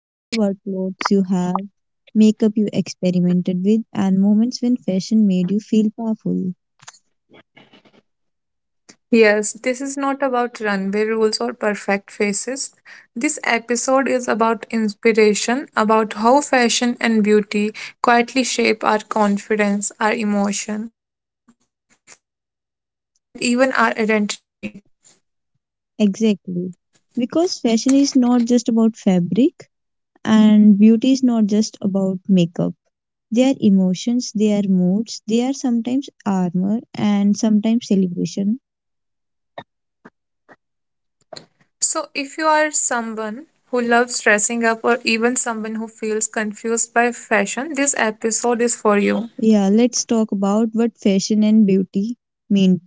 talking about clothes you have, makeup you experimented with, and moments when fashion made you feel powerful. Yes, this is not about runway rules or perfect faces. This episode is about inspiration, about how fashion and beauty quietly shape our confidence, our emotion, and even our identity. Exactly. Because fashion is not just about fabric, and beauty is not just about makeup. They are emotions, they are moods, they are sometimes armor and sometimes celebration. So, if you are someone who loves dressing up, or even someone who feels confused by fashion, this episode is for you. Yeah, let's talk about what fashion and beauty means.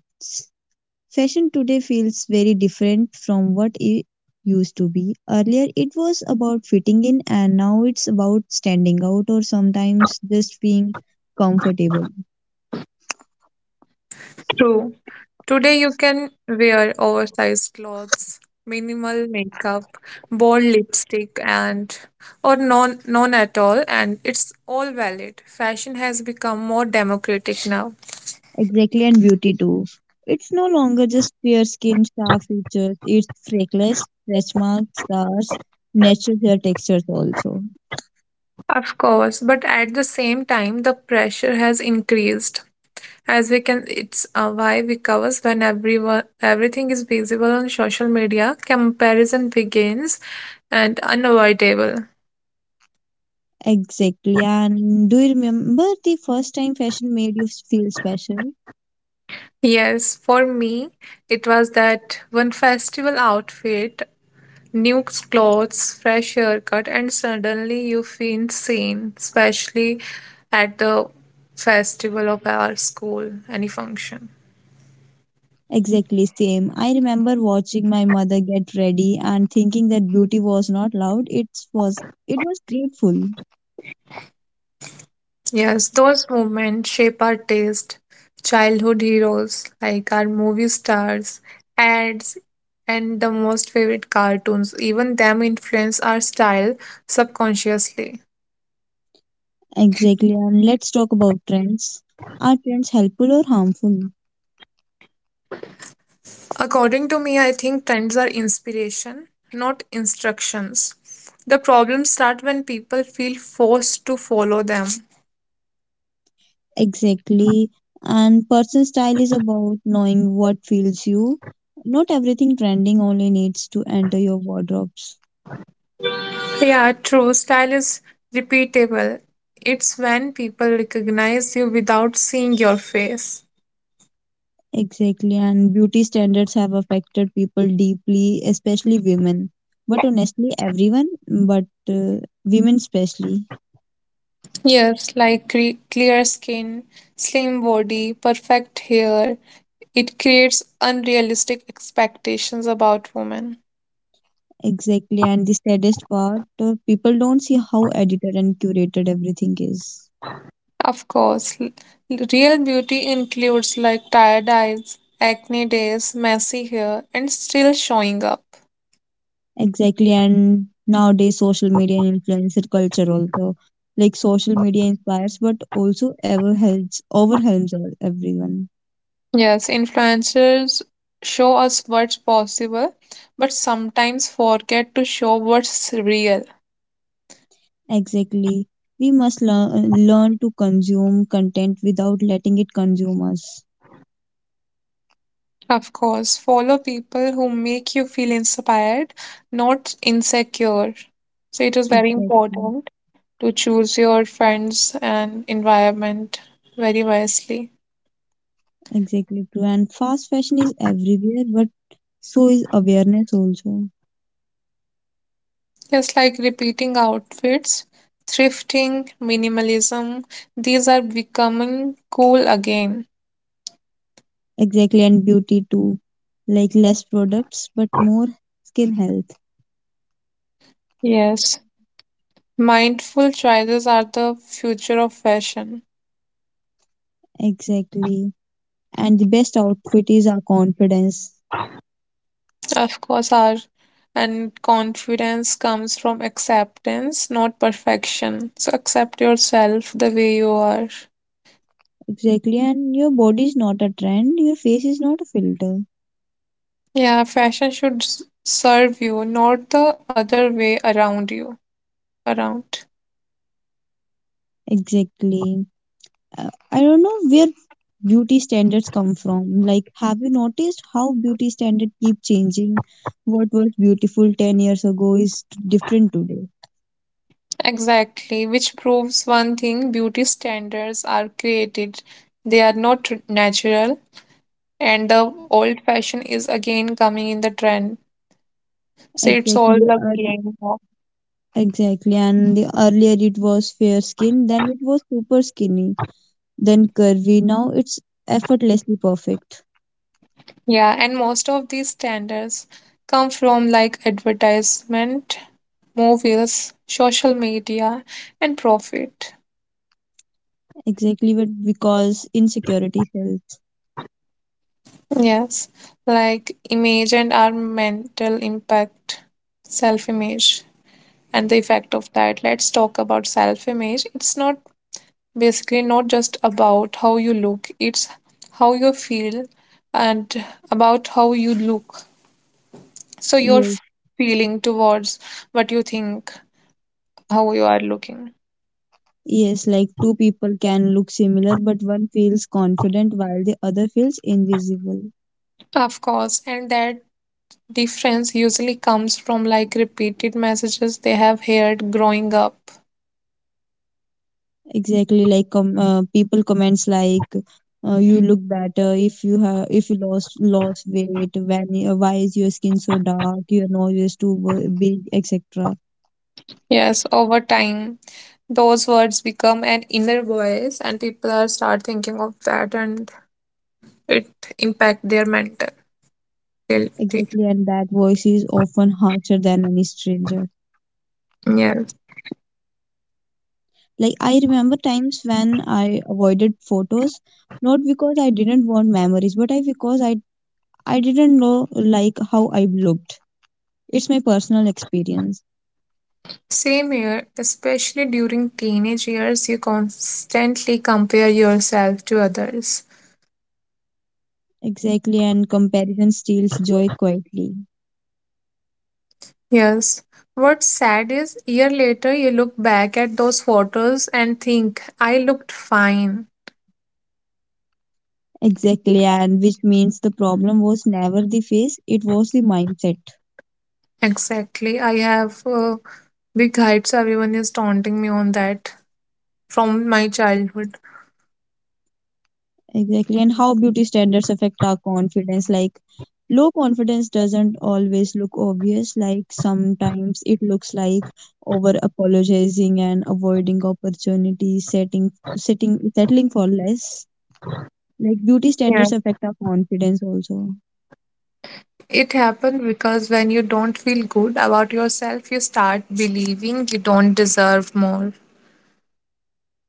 Fashion today feels very different from what it used to be. Earlier, it was about fitting in, and now it's about standing out or sometimes just being comfortable. True. Today you can wear oversized clothes, minimal makeup, bold lipstick and or none at all, and it's all valid. Fashion has become more democratic now. Exactly, and beauty too. It's no longer just fair skin, sharp features, it's freckles, stretch marks, scars, natural hair textures also. Of course, but at the same time the pressure has increased. As we can it's why? Because when everyone everything is visible on social media, comparison begins and unavoidable. Exactly, and do you remember the first time fashion made you feel special? Yes, for me, it was that one festival outfit, new clothes, fresh haircut, and suddenly you feel seen, especially at the festival of our school, any function. Exactly same. I remember watching my mother get ready and thinking that beauty was not loud. It was grateful. Yes, those moments shape our taste. Childhood heroes like our movie stars, ads, and the most favorite cartoons, even them influence our style subconsciously. Exactly. And let's talk about trends. Are trends helpful or harmful? According to me, I think trends are inspiration, not instructions. The problems start when people feel forced to follow them. Exactly. And personal style is about knowing what feels you. Not everything trending only needs to enter your wardrobes. Yeah, true. Style is repeatable. It's when people recognize you without seeing your face. Exactly. And beauty standards have affected people deeply, especially women. But honestly, everyone, but women especially. Yes, like clear skin, slim body, perfect hair. It creates unrealistic expectations about women. Exactly, and the saddest part, people don't see how edited and curated everything is. Of course, real beauty includes like tired eyes, acne days, messy hair, and still showing up. Exactly, and nowadays social media and influencer culture also. Like social media inspires but also ever helps everyone. Yes, influencers show us what's possible, but sometimes forget to show what's real. Exactly. We must learn to consume content without letting it consume us. Of course, follow people who make you feel inspired, not insecure. So it is very Exactly. important to choose your friends and environment very wisely. Exactly true. And fast fashion is everywhere, but so is awareness also. Just like repeating outfits, thrifting, minimalism, these are becoming cool again. Exactly, and beauty too. Like less products, but more skin health. Yes, mindful choices are the future of fashion. Exactly. And the best outfit is our confidence. Of course, our and confidence comes from acceptance, not perfection. So accept yourself the way you are. Exactly. And your body is not a trend, your face is not a filter. Yeah, fashion should serve you, not the other way around you. Around. Exactly. I don't know where beauty standards come from. Like, have you noticed how beauty standards keep changing? What was beautiful 10 years ago is different today. Exactly, which proves one thing: beauty standards are created, they are not natural, and the old fashion is again coming in the trend. So it's all Exactly. a game. Of- Exactly, and the earlier it was fair skin, then it was super skinny, then curvy. Now it's effortlessly perfect. Yeah, and most of these standards come from like advertisement, movies, social media, and profit. Exactly, but because insecurity sells. Yes, like image and our mental impact, self image. And the effect of that. Let's talk about self image. It's not basically not just about how you look, it's how you feel and about how you look. So, your Yes, feeling towards what you think, how you are looking. yes, like two people can look similar, but one feels confident while the other feels invisible. Of course, and that difference usually comes from like repeated messages they have heard growing up. Exactly, like people comments like, "You look better if you have if you lost weight. When why is your skin so dark? Your nose is too big, etc." Yes, over time, those words become an inner voice, and people are start thinking of that and it impact their mentality. Exactly, and that voice is often harsher than any stranger. Yeah. Like, I remember times when I avoided photos, not because I didn't want memories, but I because I didn't know like how I looked. It's my personal experience. Same here, especially during teenage years, you constantly compare yourself to others. Exactly, and comparison steals joy quietly. Yes. What's sad is, year later, you look back at those photos and think, I looked fine. Exactly, and which means the problem was never the face, it was the mindset. Exactly. I have big heights. Everyone is taunting me on that from my childhood. Exactly. And how beauty standards affect our confidence. Like, low confidence doesn't always look obvious. Like, sometimes it looks like over apologizing and avoiding opportunities, settling for less. Like, beauty standards affect our confidence also. It happened because when you don't feel good about yourself, you start believing you don't deserve more.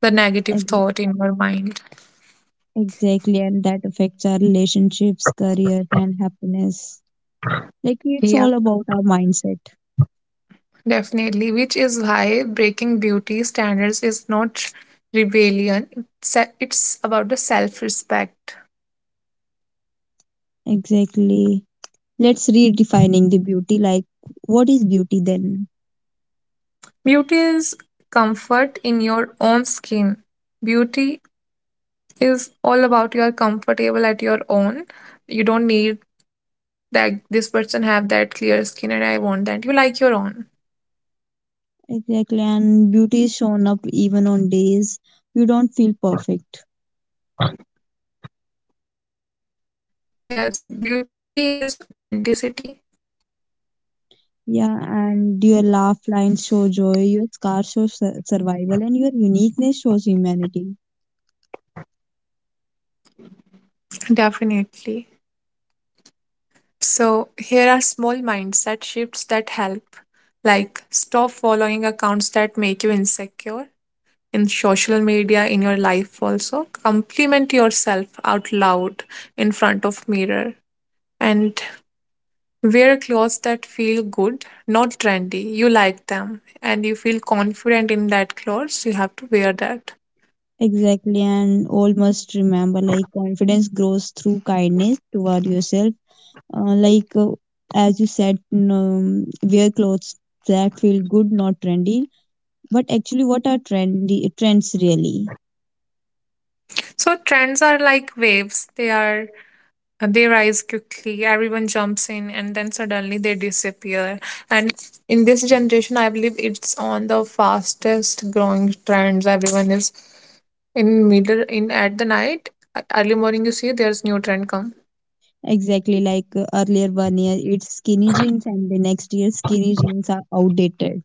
The negative Ex- thought in your mind. Exactly. And that affects our relationships, careers, and happiness. Like, it's Yeah, all about our mindset. definitely. Which is why breaking beauty standards is not rebellion, it's about the self respect. Exactly. Let's redefining the beauty. Like, what is beauty then? Beauty is comfort in your own skin. Beauty is all about you are comfortable at your own. You don't need that this person have that clear skin and I want that. You like your own. Exactly, and beauty is shown up even on days you don't feel perfect. Yes, beauty is authenticity. Yeah, and your laugh lines show joy, your scars show survival, and your uniqueness shows humanity. Definitely. So, here are small mindset shifts that help, like stop following accounts that make you insecure in social media, in your life also. Compliment yourself out loud in front of mirror and wear clothes that feel good, not trendy. You like them and you feel confident in that clothes, you have to wear that. Exactly, and all must remember like confidence grows through kindness toward yourself. Like, as you said, n- Wear clothes that feel good, not trendy. But actually, what are trendy trends really? So trends are like waves. They rise quickly, everyone jumps in, and then suddenly they disappear. And in this generation, I believe it's on the fastest growing trends. Everyone is in middle in at the night, early morning. You see, there's new trend come. Exactly like earlier one year it's skinny jeans and the next year skinny jeans are outdated.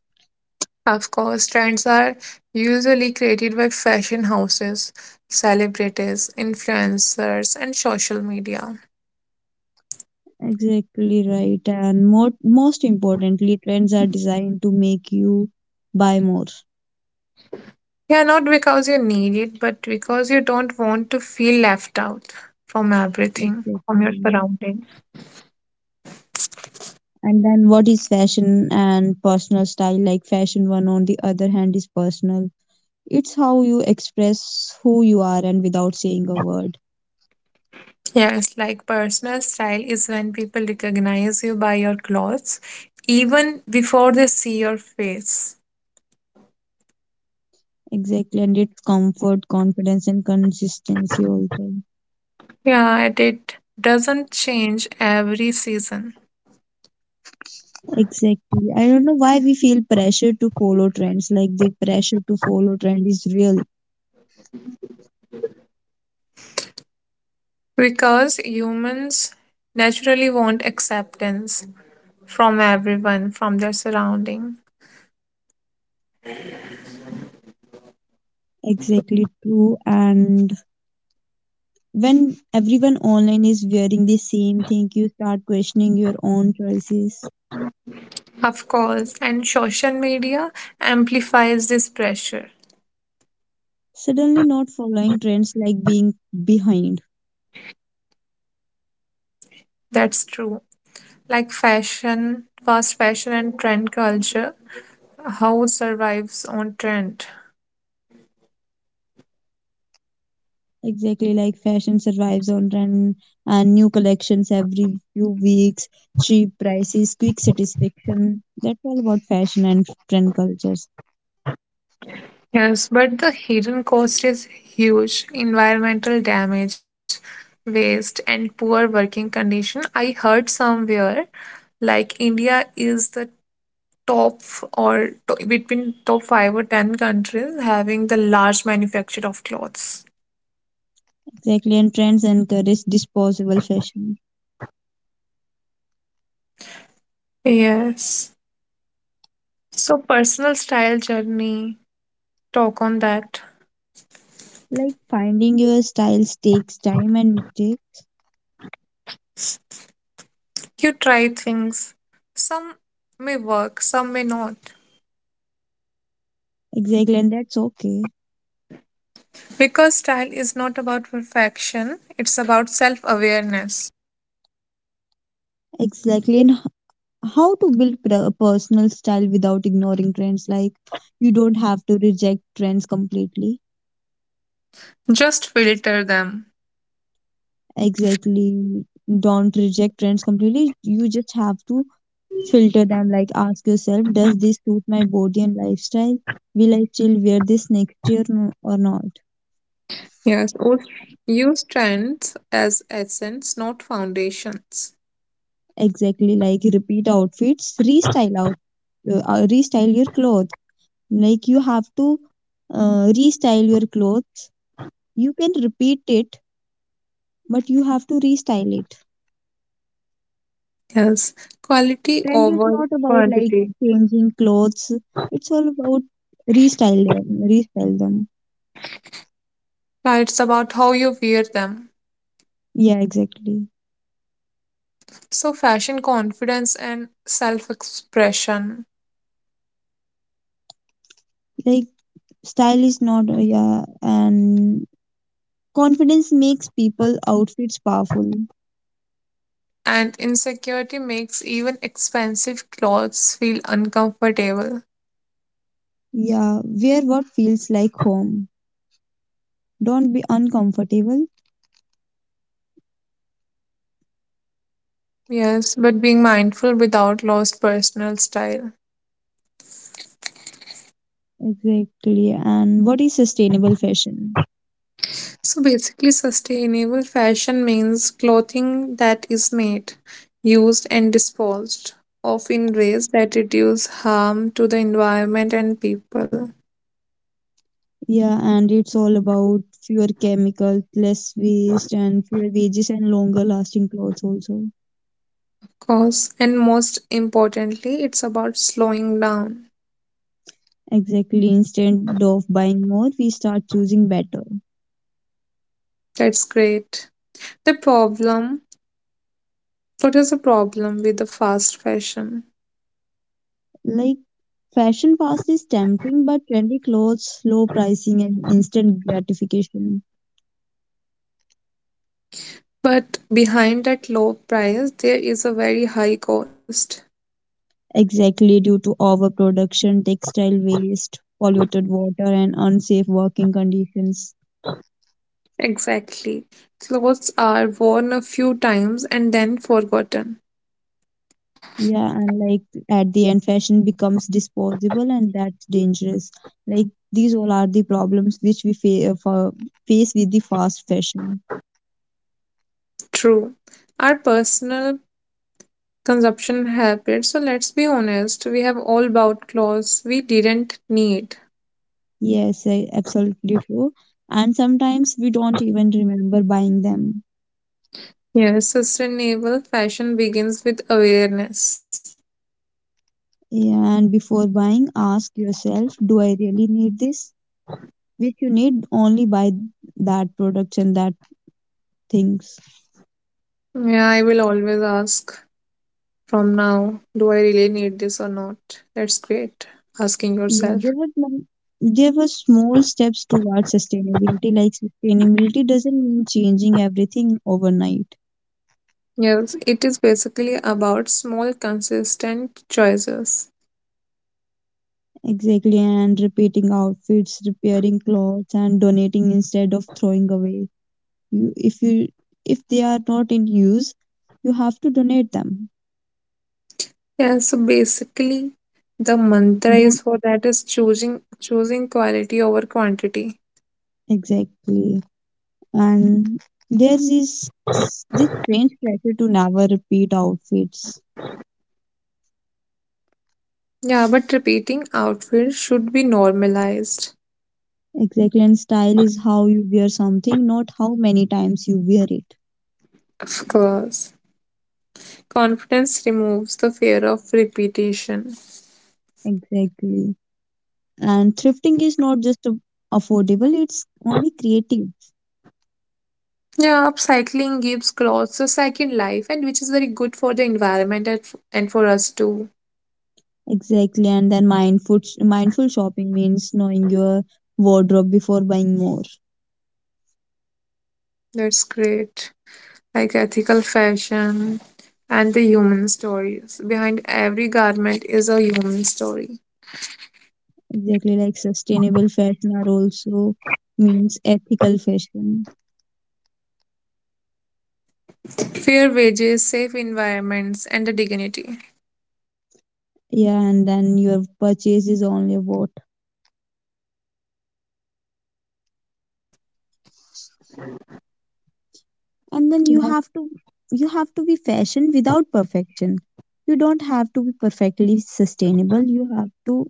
Of course, trends are usually created by fashion houses, celebrities, influencers, and social media. Exactly right. And most importantly, trends are designed to make you buy more. Yeah, not because you need it, but because you don't want to feel left out from everything, from your Exactly. surroundings. And then what is fashion and personal style? Like fashion one on the other hand is personal. It's how you express who you are and without saying a word. Yes, like personal style is when people recognize you by your clothes even before they see your face. Exactly. And it's comfort, confidence and consistency also. Yeah, and it doesn't change every season Exactly. I don't know why we feel pressure to follow trends. Like the pressure to follow trend is real. because humans naturally want acceptance from everyone, from their surrounding. Exactly true. And when everyone online is wearing the same thing, you start questioning your own choices. Of course, and social media amplifies this pressure. Suddenly, not following trends like being behind. That's true. Like fashion, fast fashion, and trend culture, how survives on trend. Exactly like fashion survives on trend and new collections every few weeks, cheap prices, quick satisfaction. That's all about fashion and trend culture. Yes, but the hidden cost is huge. Environmental damage, waste, and poor working condition. I heard somewhere like India is the top between top 5 or 10 countries having the large manufacture of clothes. Exactly, and trends encourage disposable fashion. Yes. So personal style journey, talk on that. Like finding your styles takes time and mistakes. You try things. Some may work, some may not. Exactly, and that's okay. Because style is not about perfection, it's about self awareness. Exactly, and how to build personal style without ignoring trends. Like you don't have to reject trends completely. Just filter them. Exactly, don't reject trends completely. You just have to filter them. Like ask yourself, does this suit my body and lifestyle? Will I still wear this next year or not? Yes, or use trends as essence, not foundations. Exactly, like repeat outfits, restyle your clothes. Like you have to restyle your clothes. You can repeat it, but you have to restyle it. Yes, quality Trend is over not about like quantity. changing clothes. It's all about restyle them, restyle them. Yeah, it's about how you wear them. Yeah, exactly. So, fashion confidence and self expression. Like style is not Yeah, and confidence makes people outfits powerful. And insecurity makes even expensive clothes feel uncomfortable. Yeah, wear what feels like home. Don't be uncomfortable. Yes, but being mindful without lost personal style. Exactly. And what is sustainable fashion? So basically, sustainable fashion means clothing that is made, used, and disposed of in ways that reduce harm to the environment and people. Yeah, and it's all about fewer chemicals, less waste, and fewer wages and longer lasting clothes also. Of course, and most importantly, it's about slowing down. Exactly. Instead of buying more, we start choosing better. That's great. The problem what is the problem with the fast fashion? Like fashion fast is tempting, but trendy clothes, low pricing, and instant gratification. But behind that low price, there is a very high cost. Exactly, due to overproduction, textile waste, polluted water, and unsafe working conditions. Exactly. Clothes are worn a few times and then forgotten. Yeah, and like at the end, fashion becomes disposable, and that's dangerous. Like these all are the problems which face with the fast fashion. True. Our personal consumption habits, so let's be honest, we have all bought clothes we didn't need. Yes, I absolutely true. And sometimes we don't even remember buying them. Yes, sustainable fashion begins with awareness. Yeah, and before buying, ask yourself, do I really need this? Which you need only buy that products and that things. Yeah, I will always ask from now, do I really need this or not? That's great. Asking Yeah, yourself. There were small steps towards sustainability. Like sustainability doesn't mean changing everything overnight. Yes, it is basically about small, consistent choices. Exactly, and repeating outfits, repairing clothes, and donating instead of throwing away. You, if you, if they are not in use, you have to donate them. Yeah, so basically, the mantra Don't is for that is choosing quality over quantity. exactly. And there is this strange pressure to never repeat outfits. Yeah, but repeating outfits should be normalized. Exactly, and style is how you wear something, not how many times you wear it. Of course. Confidence removes the fear of repetition. Exactly. And thrifting is not just a- affordable, it's only creative. Yeah, upcycling gives clothes a second life, and which is very good for the environment and and for us too. Exactly. And then mindful shopping means knowing your wardrobe before buying more. That's great. Like ethical fashion and the human stories. Behind every garment is a human story. Exactly, like sustainable fashion are also means ethical fashion. Fair wages, safe environments, and the dignity. Yeah, and then your purchase is only what and then you have to be fashion without perfection. You don't have to be perfectly sustainable. You have to,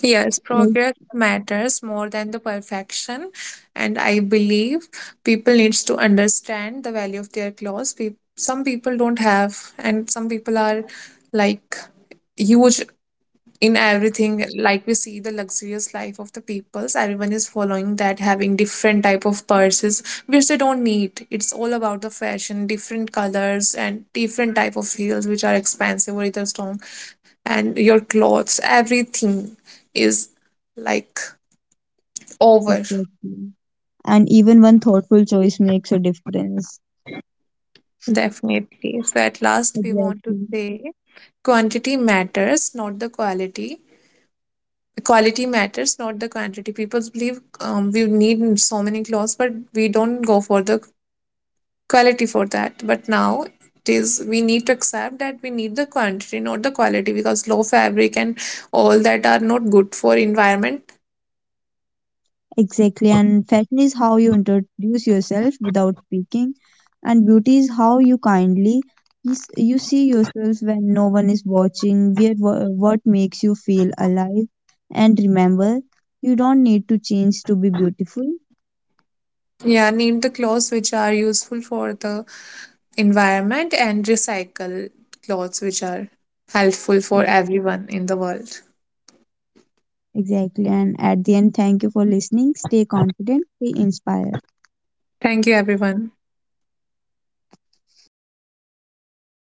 Yes, like, progress matters more than the perfection. And I believe people needs to understand the value of their clothes. Some people don't have, and some people are like huge in everything, like we see the luxurious life of the peoples. Everyone is following that, having different type of purses which they don't need. It's all about the fashion, different colors and different type of heels which are expensive or either strong, and your clothes everything is like over. exactly, and even one thoughtful choice makes a difference. Definitely. So at last we want to exactly say quantity matters not the quality, quality matters not the quantity. People believe we need so many clothes but we don't go for the quality for that, but now it is we need to accept that we need the quantity not the quality because low fabric and all that are not good for environment. exactly, and fashion is how you introduce yourself without speaking, and beauty is how you is- you see yourself when no one is watching, what makes you feel alive. And remember, you don't need to change to be beautiful. Yeah, need the clothes which are useful for the environment and recycle clothes which are helpful for everyone in the world. Exactly. And at the end, thank you for listening. Stay confident, stay inspired. Thank you everyone.